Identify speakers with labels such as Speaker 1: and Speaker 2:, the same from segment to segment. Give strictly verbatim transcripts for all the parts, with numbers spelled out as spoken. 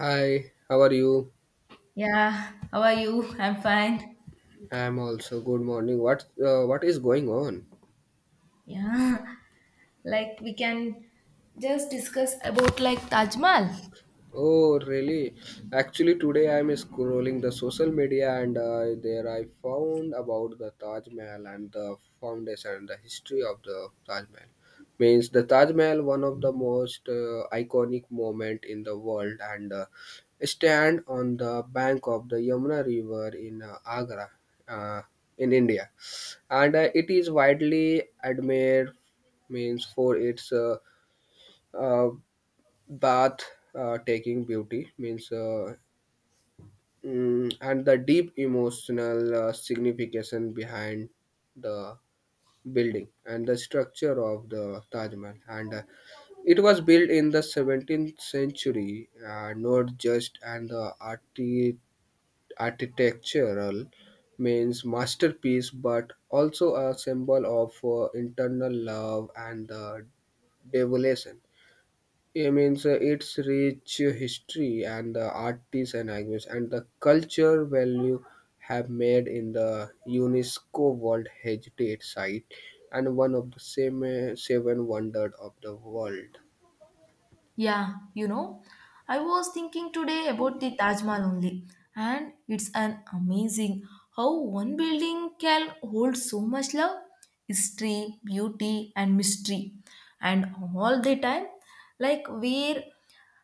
Speaker 1: Hi, how are you?
Speaker 2: Yeah, how are you? I'm fine.
Speaker 1: I'm also good morning. What uh, what is going on?
Speaker 2: Yeah, like we can just discuss about like Taj Mahal.
Speaker 1: Oh, really? Actually, today I'm scrolling the social media and uh, there I found about the Taj Mahal and the foundation and the history of the Taj Mahal. Means the Taj Mahal, one of the most uh, iconic moment in the world, and uh, stand on the bank of the Yamuna River in uh, Agra, uh, in India and uh, it is widely admired means for its uh, uh, bath uh, taking beauty means uh, mm, and the deep emotional uh, signification behind the building and the structure of the Taj Mahal and uh, it was built in the seventeenth century uh, not just and the arti. Architectural means masterpiece but also a symbol of uh, internal love and the devolution. It means uh, its rich history and the artists and language and the culture value have made in the UNESCO World Heritage Site and one of the same uh, seven wonders of the world.
Speaker 2: Yeah, you know, I was thinking today about the Taj Mahal only, and it's an amazing how one building can hold so much love, history, beauty, and mystery, and all the time, like where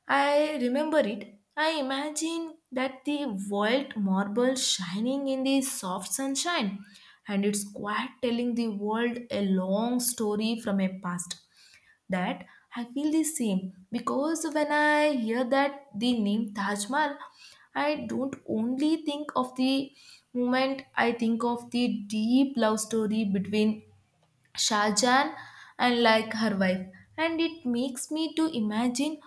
Speaker 2: I remember it, I imagine that the white marble shining in the soft sunshine, and it's quite telling the world a long story from a past that I feel the same because when I hear that the name Taj Mahal, I don't only think of the moment, I think of the deep love story between Shahjahan and like her wife, and it makes me to imagine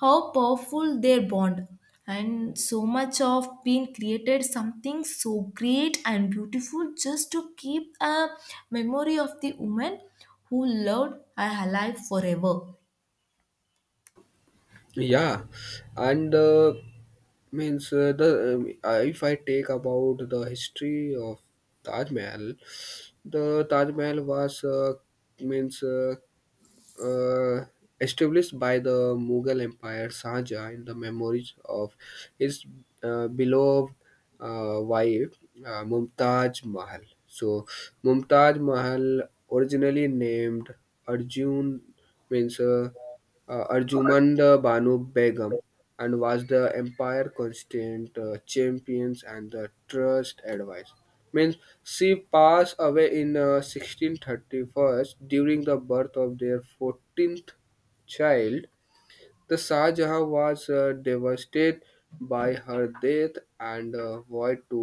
Speaker 2: how powerful their bond and so much of being created something so great and beautiful just to keep a memory of the woman who loved her alive forever.
Speaker 1: Yeah, and uh, means uh, the um, uh, if I take about the history of Taj Mahal, the Taj Mahal was uh, means uh, uh, established by the Mughal Empire Shahjahan in the memories of his uh, beloved uh, wife uh, Mumtaz Mahal. So Mumtaz Mahal, originally named Arjun, means uh, uh, Arjumand Banu Begum, and was the empire constant uh, champions and the trust advisor. Means she passed away in uh, sixteen thirty-one during the birth of their fourteenth child. The Shah Jahan was uh, devastated by her death and uh, vowed to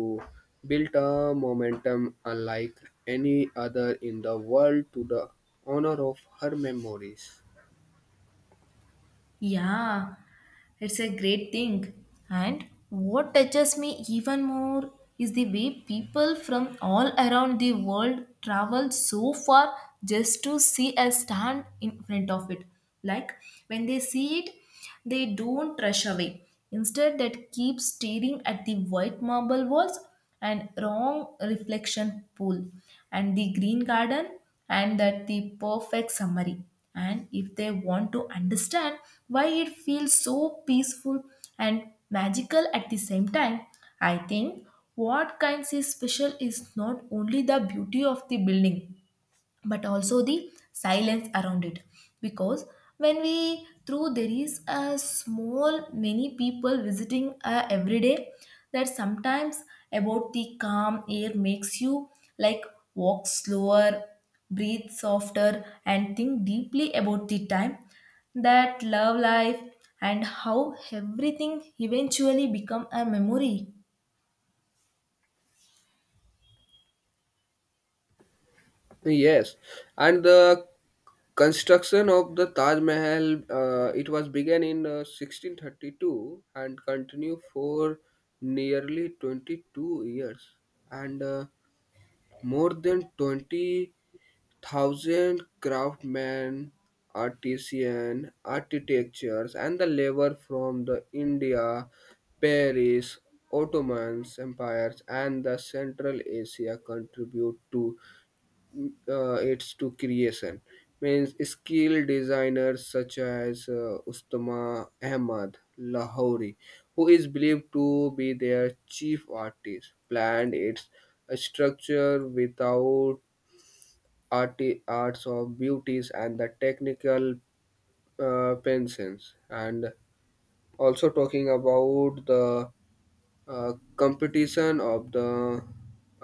Speaker 1: build a momentum unlike any other in the world to the honor of her memories.
Speaker 2: Yeah, it's a great thing. And what touches me even more is the way people from all around the world travel so far just to see a stand in front of it. Like when they see it, they don't rush away. Instead, that keep staring at the white marble walls and wrong reflection pool and the green garden and that the perfect summary. And if they want to understand why it feels so peaceful and magical at the same time, I think what kinds is special is not only the beauty of the building but also the silence around it, because when we through there is a small many people visiting uh, every day, that sometimes about the calm air makes you like walk slower, breathe softer, and think deeply about the time that love life and how everything eventually become a memory.
Speaker 1: Yes, and the construction of the Taj Mahal, uh, it was began in uh, sixteen thirty-two and continued for nearly twenty-two years. And uh, more than twenty thousand craftsmen, artisan, architectures, and the labor from the India, Paris, Ottomans empires, and the Central Asia contribute to uh, its to creation means skilled designers such as uh, Ustama Ahmad Lahori, who is believed to be their chief artist, planned its structure without arti- arts of beauties and the technical uh, pensions. And also talking about the uh, competition of the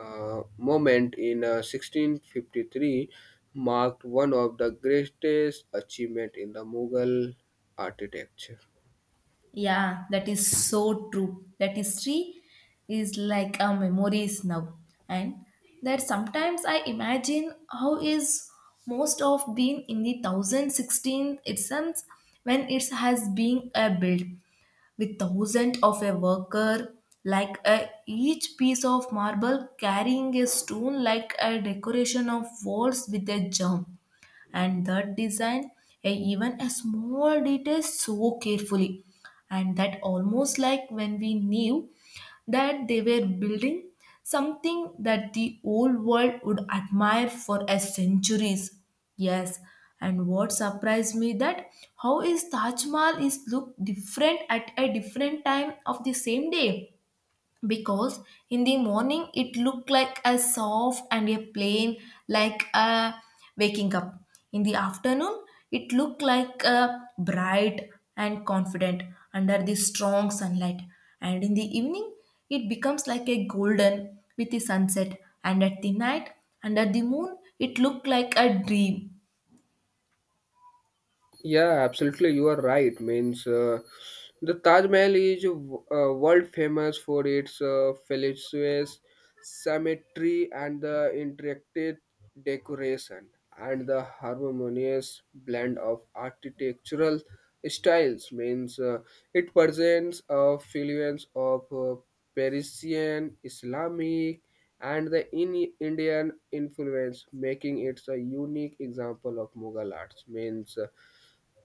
Speaker 1: uh, moment in uh, sixteen fifty-three marked one of the greatest achievements in the Mughal architecture.
Speaker 2: Yeah, that is so true. That history is like a memories now. And that sometimes I imagine how is most of been in the one thousand sixteen itself when it has been a build with thousand of a worker, like a, each piece of marble carrying a stone like a decoration of walls with a germ, and that design a, even a small detail so carefully, and that almost like when we knew that they were building something that the old world would admire for a centuries. Yes. And what surprised me that how is Taj Mahal is look different at a different time of the same day, because in the morning it looked like a soft and a plain, like a waking up. In the afternoon it looked like a bright and confident under the strong sunlight. And in the evening it becomes like a golden with the sunset, and at the night under the moon it looked like a dream.
Speaker 1: Yeah, absolutely. You are right. Means uh, the Taj Mahal is uh, world famous for its uh, fallacious symmetry and the intricate decoration and the harmonious blend of architectural styles. Means uh, it presents a fluence of uh, Persian, Islamic, and the in- Indian influence, making it a unique example of Mughal arts. Means uh,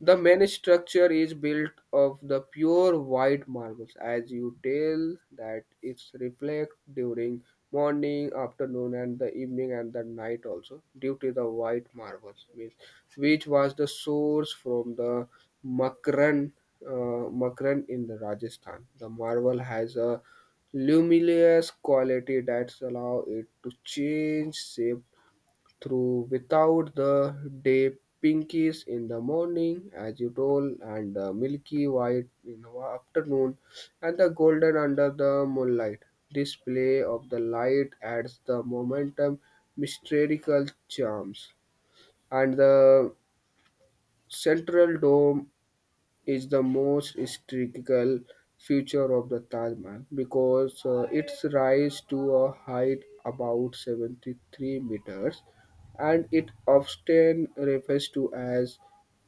Speaker 1: the main structure is built of the pure white marbles, as you tell that it's reflect during morning, afternoon, and the evening and the night also due to the white marbles, means which was the source from the Makran, uh, Makran in the Rajasthan. The marble has a luminous quality that allow it to change shape through without the day pinkies in the morning as you told, and the milky white in the afternoon and the golden under the moonlight. This play of the light adds the momentum, mystical charms, and the central dome is the most historical feature of the Taj Mahal because uh, its rise to a height about seventy-three meters and it often refers to as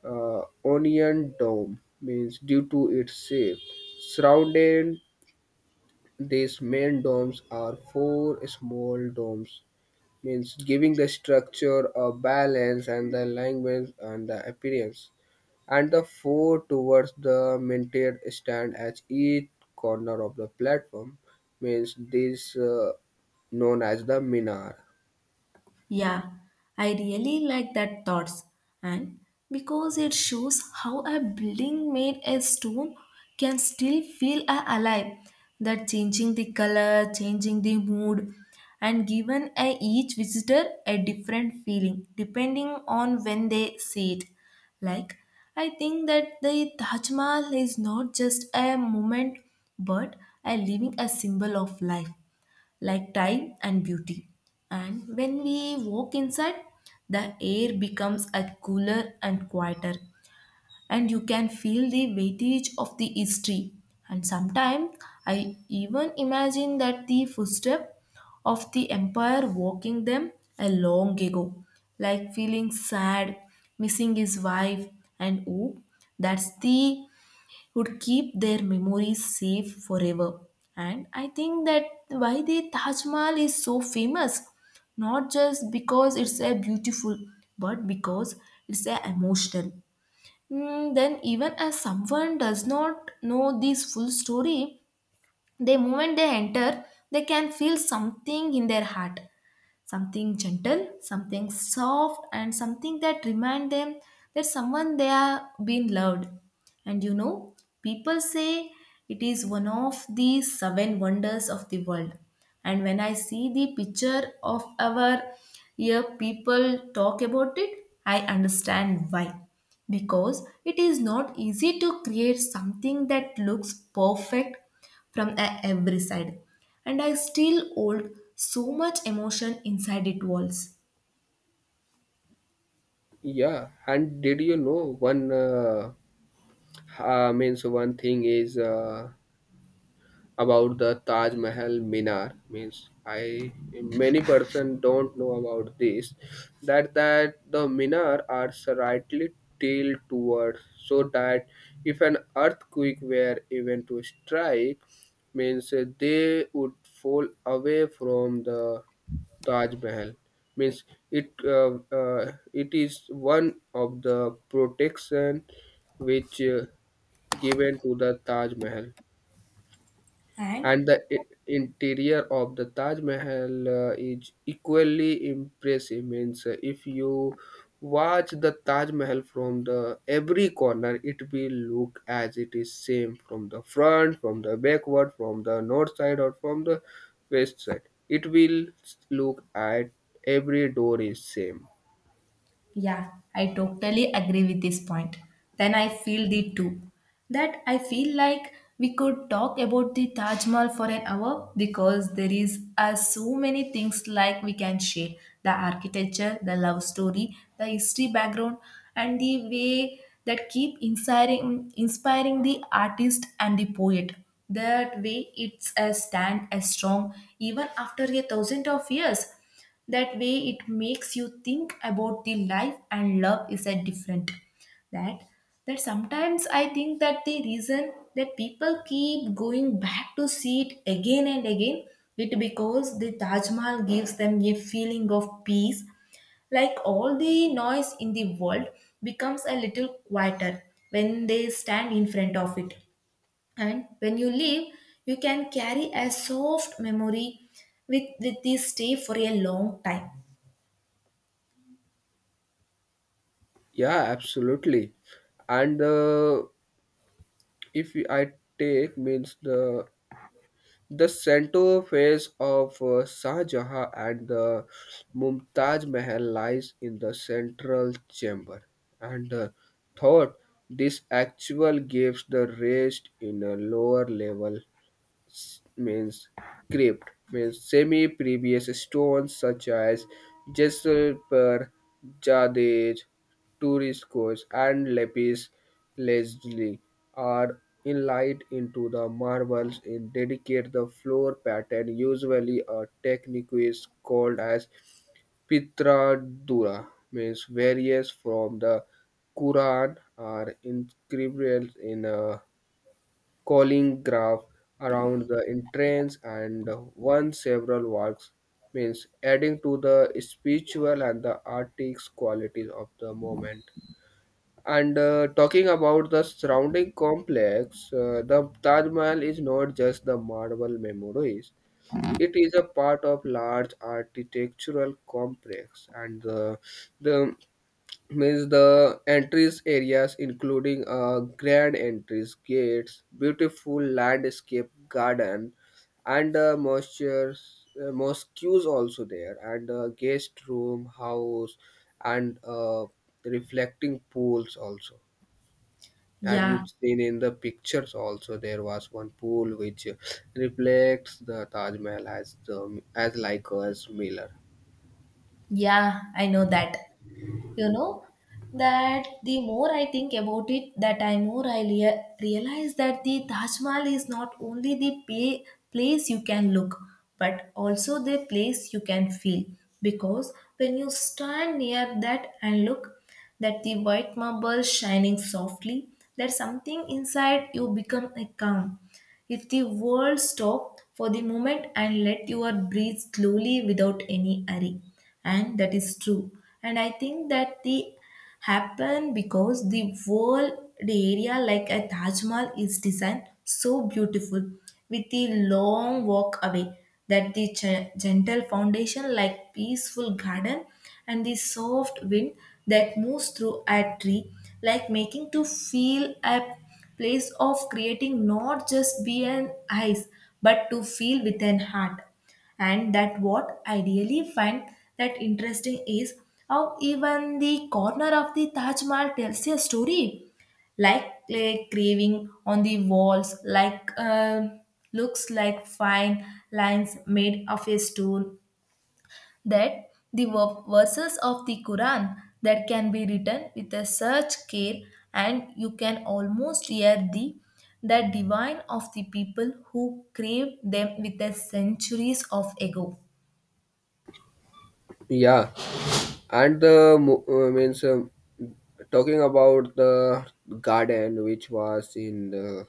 Speaker 1: uh, onion dome means due to its shape surrounding these main domes are four small domes means giving the structure a balance and the language and the appearance and the four towards the maintained stand at each corner of the platform means this uh, known as the minar.
Speaker 2: Yeah, I really like that thoughts, and because it shows how a building made of stone can still feel a- alive, that changing the color, changing the mood, and given a, each visitor a different feeling depending on when they see it. Like I think that the Taj Mahal is not just a moment but a living a symbol of life, like time and beauty. And when we walk inside, the air becomes a cooler and quieter, and you can feel the weightage of the history. And sometimes I even imagine that the footstep of the empire walking them a long ago, like feeling sad, missing his wife, and hope. That's the would keep their memories safe forever. And I think that why the Taj Mahal is so famous, not just because it's a beautiful, but because it's a emotional. Mm, then even as someone does not know this full story, the moment they enter, they can feel something in their heart, something gentle, something soft, and something that remind them that someone they have been loved. And you know, people say it is one of the seven wonders of the world. And when I see the picture of our here people talk about it, I understand why. Because it is not easy to create something that looks perfect from a- every side. And I still hold so much emotion inside its walls.
Speaker 1: Yeah, and did you know one uh, uh, means one thing is uh, about the Taj Mahal Minar means I many person don't know about this that that the Minar are slightly tilted towards so that if an earthquake were even to strike means uh, they would fall away from the Taj Mahal means it uh, uh, it is one of the protection which uh, given to the Taj Mahal.
Speaker 2: And.
Speaker 1: And the i- interior of the Taj Mahal uh, is equally impressive. Means uh, if you watch the Taj Mahal from the every corner, it will look as it is same from the front, from the backward, from the north side, or from the west side. It will look at every door is same.
Speaker 2: Yeah, I totally agree with this point. Then I feel the too. That I feel like we could talk about the Taj Mahal for an hour because there is uh, so many things like we can share the architecture, the love story, the history background, and the way that keep inspiring inspiring the artist and the poet. That way, it's a stand as strong even after a thousand of years, that way it makes you think about the life and love is a different, that that sometimes I think that the reason that people keep going back to see it again and again, it because the Taj Mahal gives them a feeling of peace, like all the noise in the world becomes a little quieter when they stand in front of it. And when you leave, you can carry a soft memory with, with this stay for a long time.
Speaker 1: Yeah, absolutely. And uh, if I take means the The center phase of uh, Shah Jahan and the Mumtaz Mahal lies in the central chamber, and uh, thought this actual gives the rest in a lower level s- means crypt means semi-previous stones such as jasper, jadej, turiscos, and lapis lazuli are inlaid into the marbles and dedicate the floor pattern. Usually, a technique is called as pitradura, means various from the Quran are inscribed in a calling graph around the entrance and one several works means adding to the spiritual and the artistic qualities of the moment. And uh, talking about the surrounding complex, uh, the Taj Mahal is not just the marble memories. It is a part of large architectural complex and uh, the means the entries areas including uh, grand entries gates beautiful landscape garden and uh, moisture uh, mosques also there and uh, guest room house and uh, reflecting pools also. Have you
Speaker 2: Yeah,
Speaker 1: seen in the pictures also there was one pool which reflects the Taj Mahal as the as like a as mirror?
Speaker 2: yeah, I know that. You know, that the more I think about it, that I more I rea- realize that the Taj Mahal is not only the pay- place you can look, but also the place you can feel. Because when you stand near that and look, that the white marble shining softly, that something inside you become a calm. If the world stopped for the moment and let your breathe slowly without any hurry, and that is true. And I think that the happen because the whole area like a Taj Mahal is designed so beautiful with the long walk away, that the ge- gentle foundation like peaceful garden and the soft wind that moves through a tree, like making to feel a place of creating not just be an eyes but to feel with an heart. And that what I really find that interesting is how even the corner of the Taj Mahal tells a story, like clay craving on the walls, like uh, looks like fine lines made of a stone. That the ver- verses of the Quran that can be written with a such care, and you can almost hear the that divine of the people who craved them with the centuries of ago.
Speaker 1: Yeah. And the mo- uh, means um, talking about the garden which was in the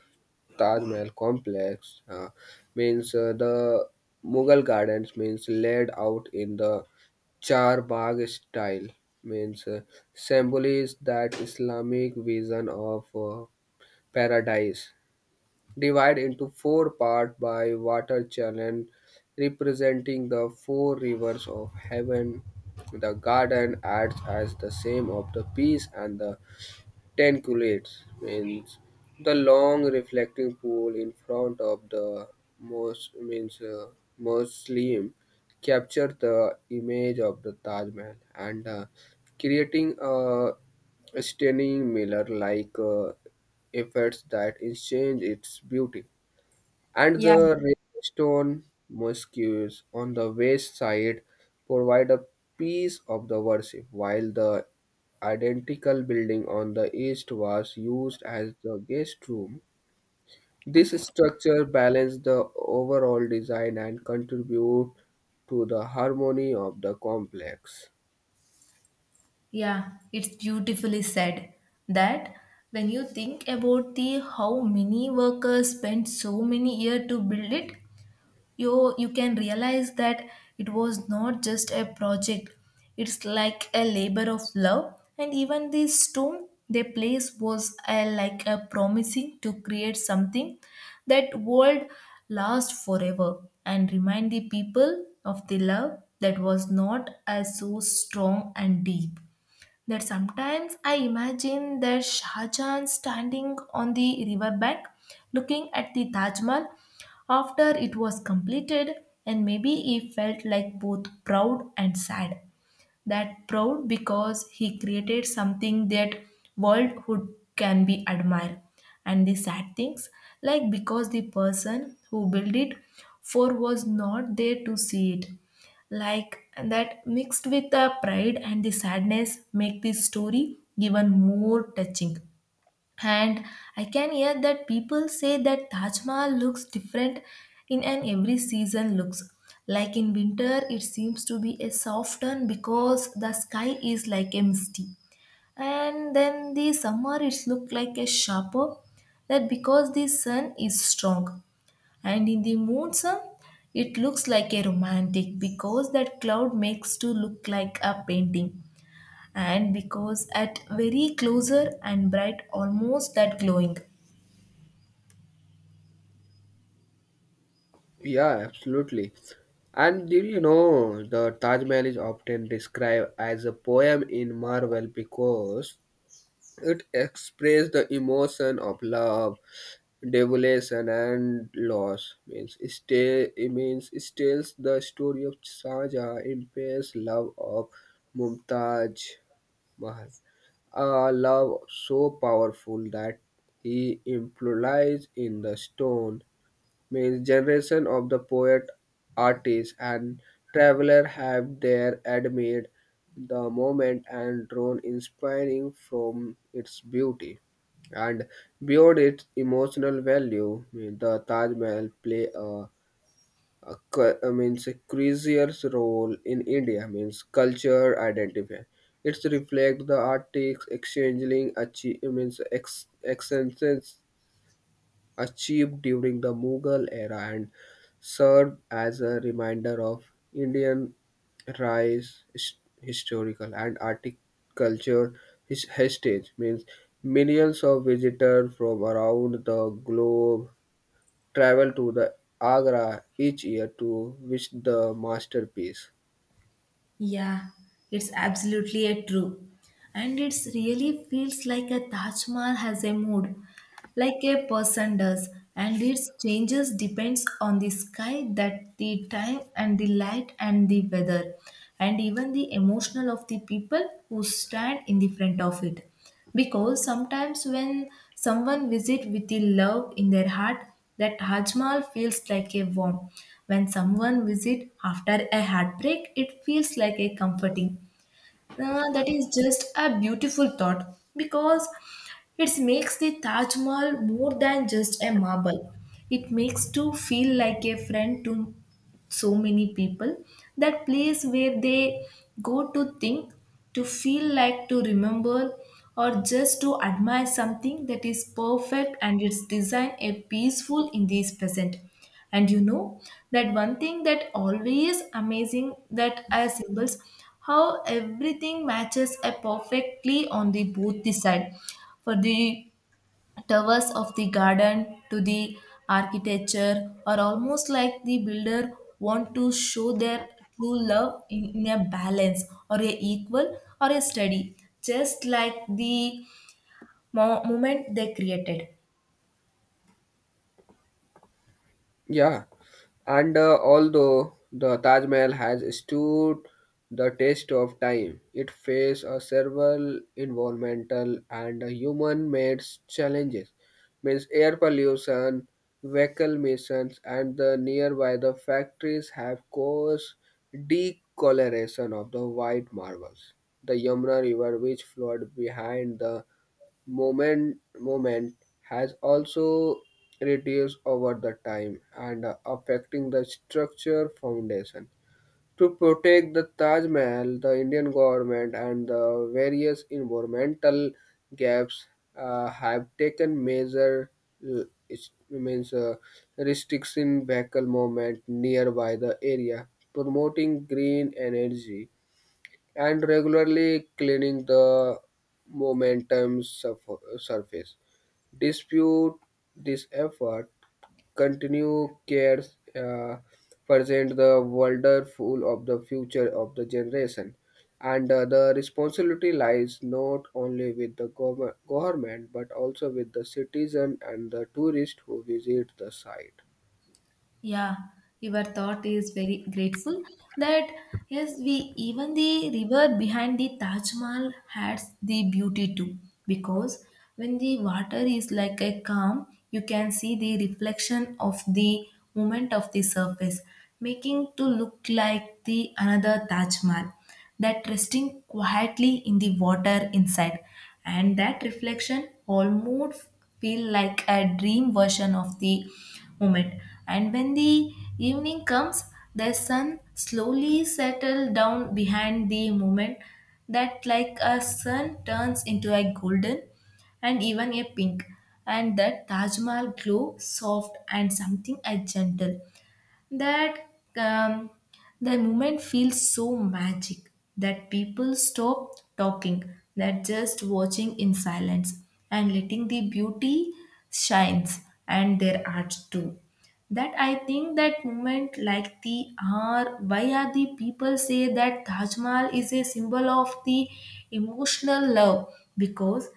Speaker 1: Taj Mahal complex uh, means uh, the Mughal gardens means laid out in the Char Bagh style means uh, symbolizes that Islamic vision of uh, paradise divided into four parts by water channel representing the four rivers of heaven. The garden acts as the same of the peace and the Tenculates means the long reflecting pool in front of the mos means uh, Muslim capture the image of the Taj Mahal and uh, creating a stunning mirror like uh, effects that exchange its beauty and
Speaker 2: Yeah.
Speaker 1: the Ravenstone mosques on the west side provide a piece of the worship, while the identical building on the east was used as the guest room. This structure balanced the overall design and contribute to the harmony of the complex.
Speaker 2: Yeah, it's beautifully said, that when you think about the how many workers spent so many years to build it, you you can realize that it was not just a project. It's like a labor of love, and even the stone they placed was a, like a promising to create something that would last forever and remind the people of the love that was not as so strong and deep. That sometimes I imagine that Shah Jahan standing on the riverbank looking at the Taj Mahal after it was completed, and maybe he felt like both proud and sad, that proud because he created something that world who can be admired, and the sad things, like because the person who built it for was not there to see it, like that mixed with the pride and the sadness make this story even more touching. And I can hear that people say that Taj Mahal looks different in an every season looks. Like in winter, it seems to be a soft one because the sky is like a misty. And then the summer, it look like a sharper, that because the sun is strong. And in the monsoon, it looks like a romantic because that cloud makes to look like a painting, and because at very closer and bright almost that glowing.
Speaker 1: Yeah, absolutely. And do you know the Taj Mahal is often described as a poem in marble because it expresses the emotion of love, devotion, and loss. Means stay it means it tells the story of Shaja impairs love of Mumtaz Mahal. A love so powerful that he implies in the stone means generation of the poet, artist, and traveler have there admired the moment and drawn inspiring from its beauty. And beyond its emotional value, mean, the Taj Mahal play a, a cu- I means a crucial role in India means culture identity. It's reflect the artists exchanging achi- I means ex- exchanges achieved during the Mughal era and served as a reminder of Indian rise his- historical and artic culture his heritage means millions of visitors from around the globe travel to the Agra each year to visit the masterpiece.
Speaker 2: Yeah, it's absolutely a true. And it's really feels like a Taj Mahal has a mood like a person does, and its changes depends on the sky, that the time and the light and the weather and even the emotional of the people who stand in the front of it. Because sometimes when someone visits with the love in their heart, that Taj Mahal feels like a warm. When someone visits after a heartbreak, it feels like a comforting. Uh, that is just a beautiful thought because it makes the Taj Mahal more than just a marble. It makes to feel like a friend to so many people, that place where they go to think, to feel like, to remember, or just to admire something that is perfect and its design a peaceful in this present. And you know that one thing that always amazing that are symbols, how everything matches a perfectly on the both the side, for the towers of the garden to the architecture are almost like the builder want to show their true love in, in a balance or a equal or a steady, just like the mo- moment they created.
Speaker 1: Yeah, and uh, although the Taj Mahal has stood the test of time, it faced uh, several environmental and human-made challenges, means air pollution, vehicle emissions, and the nearby the factories have caused decoloration of the white marbles. The Yamuna River, which flowed behind the moment moment has also reduced over the time and uh, affecting the structure foundation. To protect the Taj Mahal, the Indian government and the various environmental gaps uh, have taken measure uh, is- means uh, restriction vehicle movement nearby the area, promoting green energy and regularly cleaning the momentum surf- surface. Dispute this effort, continue cares uh, present the wonderful of the future of the generation. And uh, the responsibility lies not only with the gov- government but also with the citizen and the tourist who visit the site.
Speaker 2: Yeah, your thought is very grateful, that yes, we even the river behind the Taj Mahal has the beauty too. Because when the water is like a calm, you can see the reflection of the movement of the surface, making to look like the another Taj Mahal that resting quietly in the water inside. And that reflection almost feel like a dream version of the moment. And when the evening comes, the sun slowly settle down behind the moment, that like a sun turns into a golden and even a pink, and that taj mahal glow soft and something a gentle. That um, the moment feels so magic that people stop talking, that just watching in silence and letting the beauty shines and their art too. That I think that moment like the are why are the people say that taj mahal is a symbol of the emotional love. Because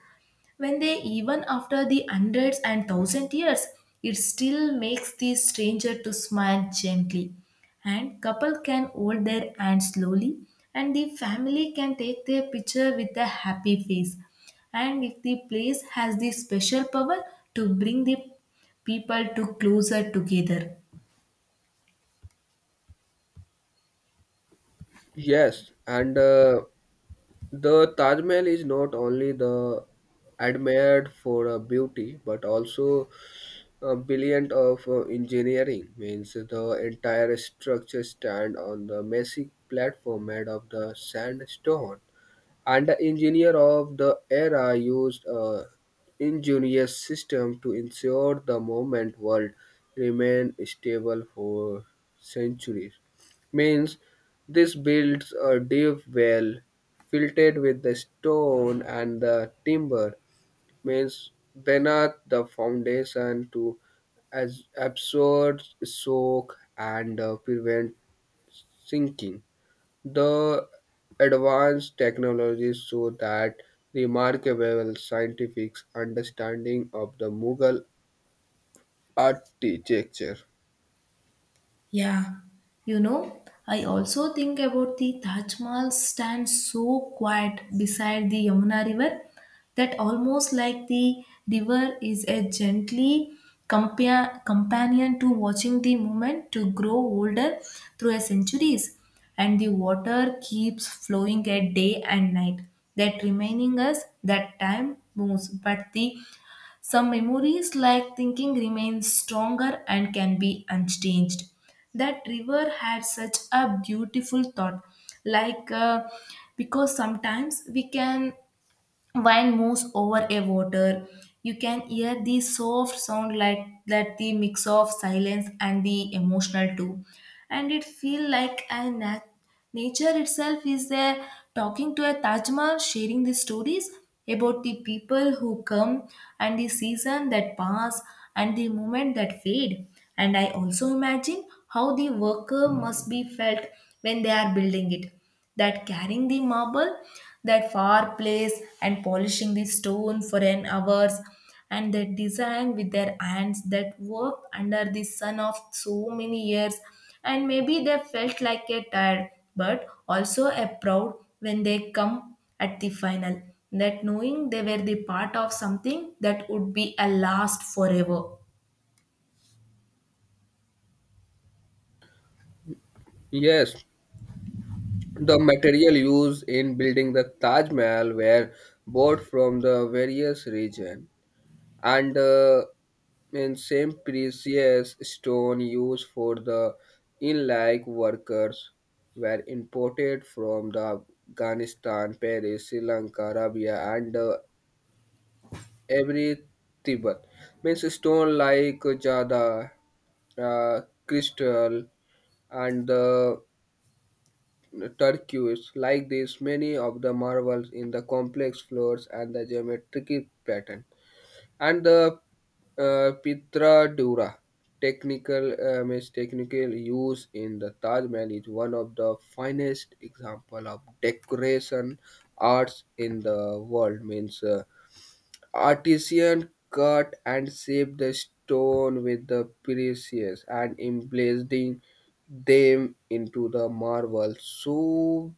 Speaker 2: when they even after the hundreds and thousand years, it still makes the stranger to smile gently, and couple can hold their hand slowly, and the family can take their picture with a happy face. And if the place has the special power to bring the people to closer together.
Speaker 1: Yes, and uh, the Taj Mahal is not only the admired for uh, beauty but also uh, brilliant of uh, engineering means the entire structure stand on the massive platform made of the sandstone and the engineer of the era used a ingenious system to ensure the movement world remained stable for centuries. Means this builds a deep well filled with the stone and the timber. Means beneath the foundation to as absorb, soak, and uh, prevent sinking. The advanced technologies show that remarkable scientific understanding of the Mughal architecture.
Speaker 2: Yeah, you know, I also think about the Taj Mahal stands so quiet beside the Yamuna River, that almost like the river is a gently compa- companion to watching the moment to grow older through a centuries. And the water keeps flowing at day and night, that reminding us that time moves but the some memories like thinking remain stronger and can be unchanged. That river had such a beautiful thought, like uh, because sometimes we can wine moves over a water. You can hear the soft sound like that the mix of silence and the emotional too. And it feel like a nat- nature itself is there talking to a Taj Mahal, sharing the stories about the people who come and the season that pass and the moment that fade. And I also imagine how the worker must be felt when they are building it, that carrying the marble that far place and polishing the stone for an hours and that design with their hands that worked under the sun of so many years. And maybe they felt like a tired but also a proud when they come at the final, that knowing they were the part of something that would be a last forever.
Speaker 1: Yes, the material used in building the Taj Mahal were bought from the various regions, and uh, in same precious stone used for the inlay workers were imported from the Afghanistan, Paris, Sri Lanka, Arabia, and uh, every Tibet means stone like jada uh, crystal and the turquoise like this many of the marvels in the complex floors and the geometric pattern and the uh, pitra dura technical uh, means technical use in the Taj Mahal is one of the finest example of decoration arts in the world means uh, Artisan cut and shaped the stone with the precious and emblazoned them into the marble. So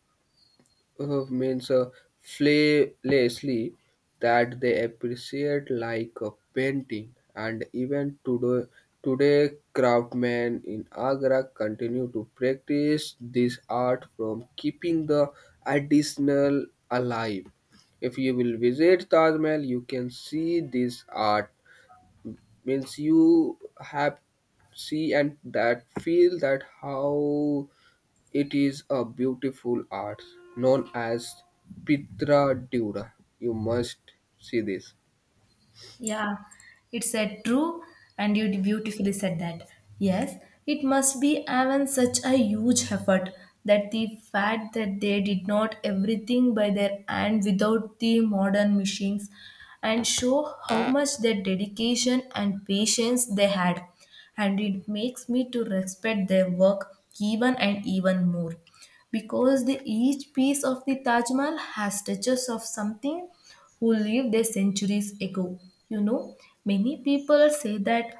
Speaker 1: uh, means uh, flawlessly that they appreciate like a painting and even today today craftsmen in Agra continue to practice this art from keeping the additional alive. If you will visit Taj Mahal you can see this art means you have see and that feel that how it is a beautiful art known as Pietra Dura. You must see this.
Speaker 2: Yeah, it said true, and you beautifully said that. Yes, it must be even such a huge effort, that the fact that they did not everything by their hand without the modern machines and show how much their dedication and patience they had. And it makes me to respect their work even and even more, because the, each piece of the Taj Mahal has touches of something who lived there centuries ago. You know, many people say that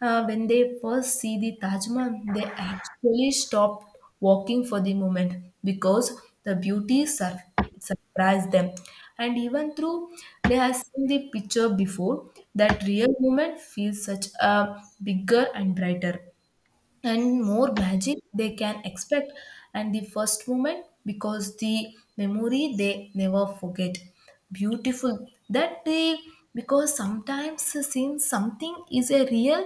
Speaker 2: uh, when they first see the Taj Mahal, they actually stop walking for the moment, because the beauty sur- surprised them. And even though they have seen the picture before, that real moment feels such a bigger and brighter and more magic they can expect. And the first moment because the memory they never forget beautiful that they, because sometimes seeing something is a real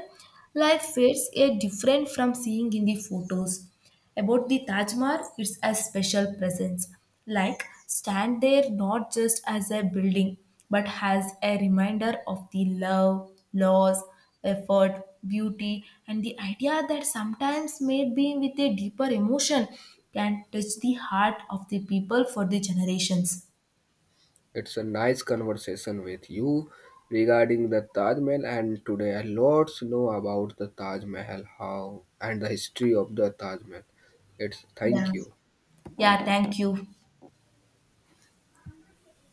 Speaker 2: life fades a different from seeing in the photos. About the Taj Mahal, it's a special presence. Like stand there not just as a building, but as a reminder of the love, loss, effort, beauty, and the idea that sometimes may be with a deeper emotion can touch the heart of the people for the generations.
Speaker 1: It's a nice conversation with you regarding the Taj Mahal, and today a lot know about the Taj Mahal, how and the history of the Taj Mahal. It's thank
Speaker 2: Yeah.
Speaker 1: you.
Speaker 2: Yeah, thank you.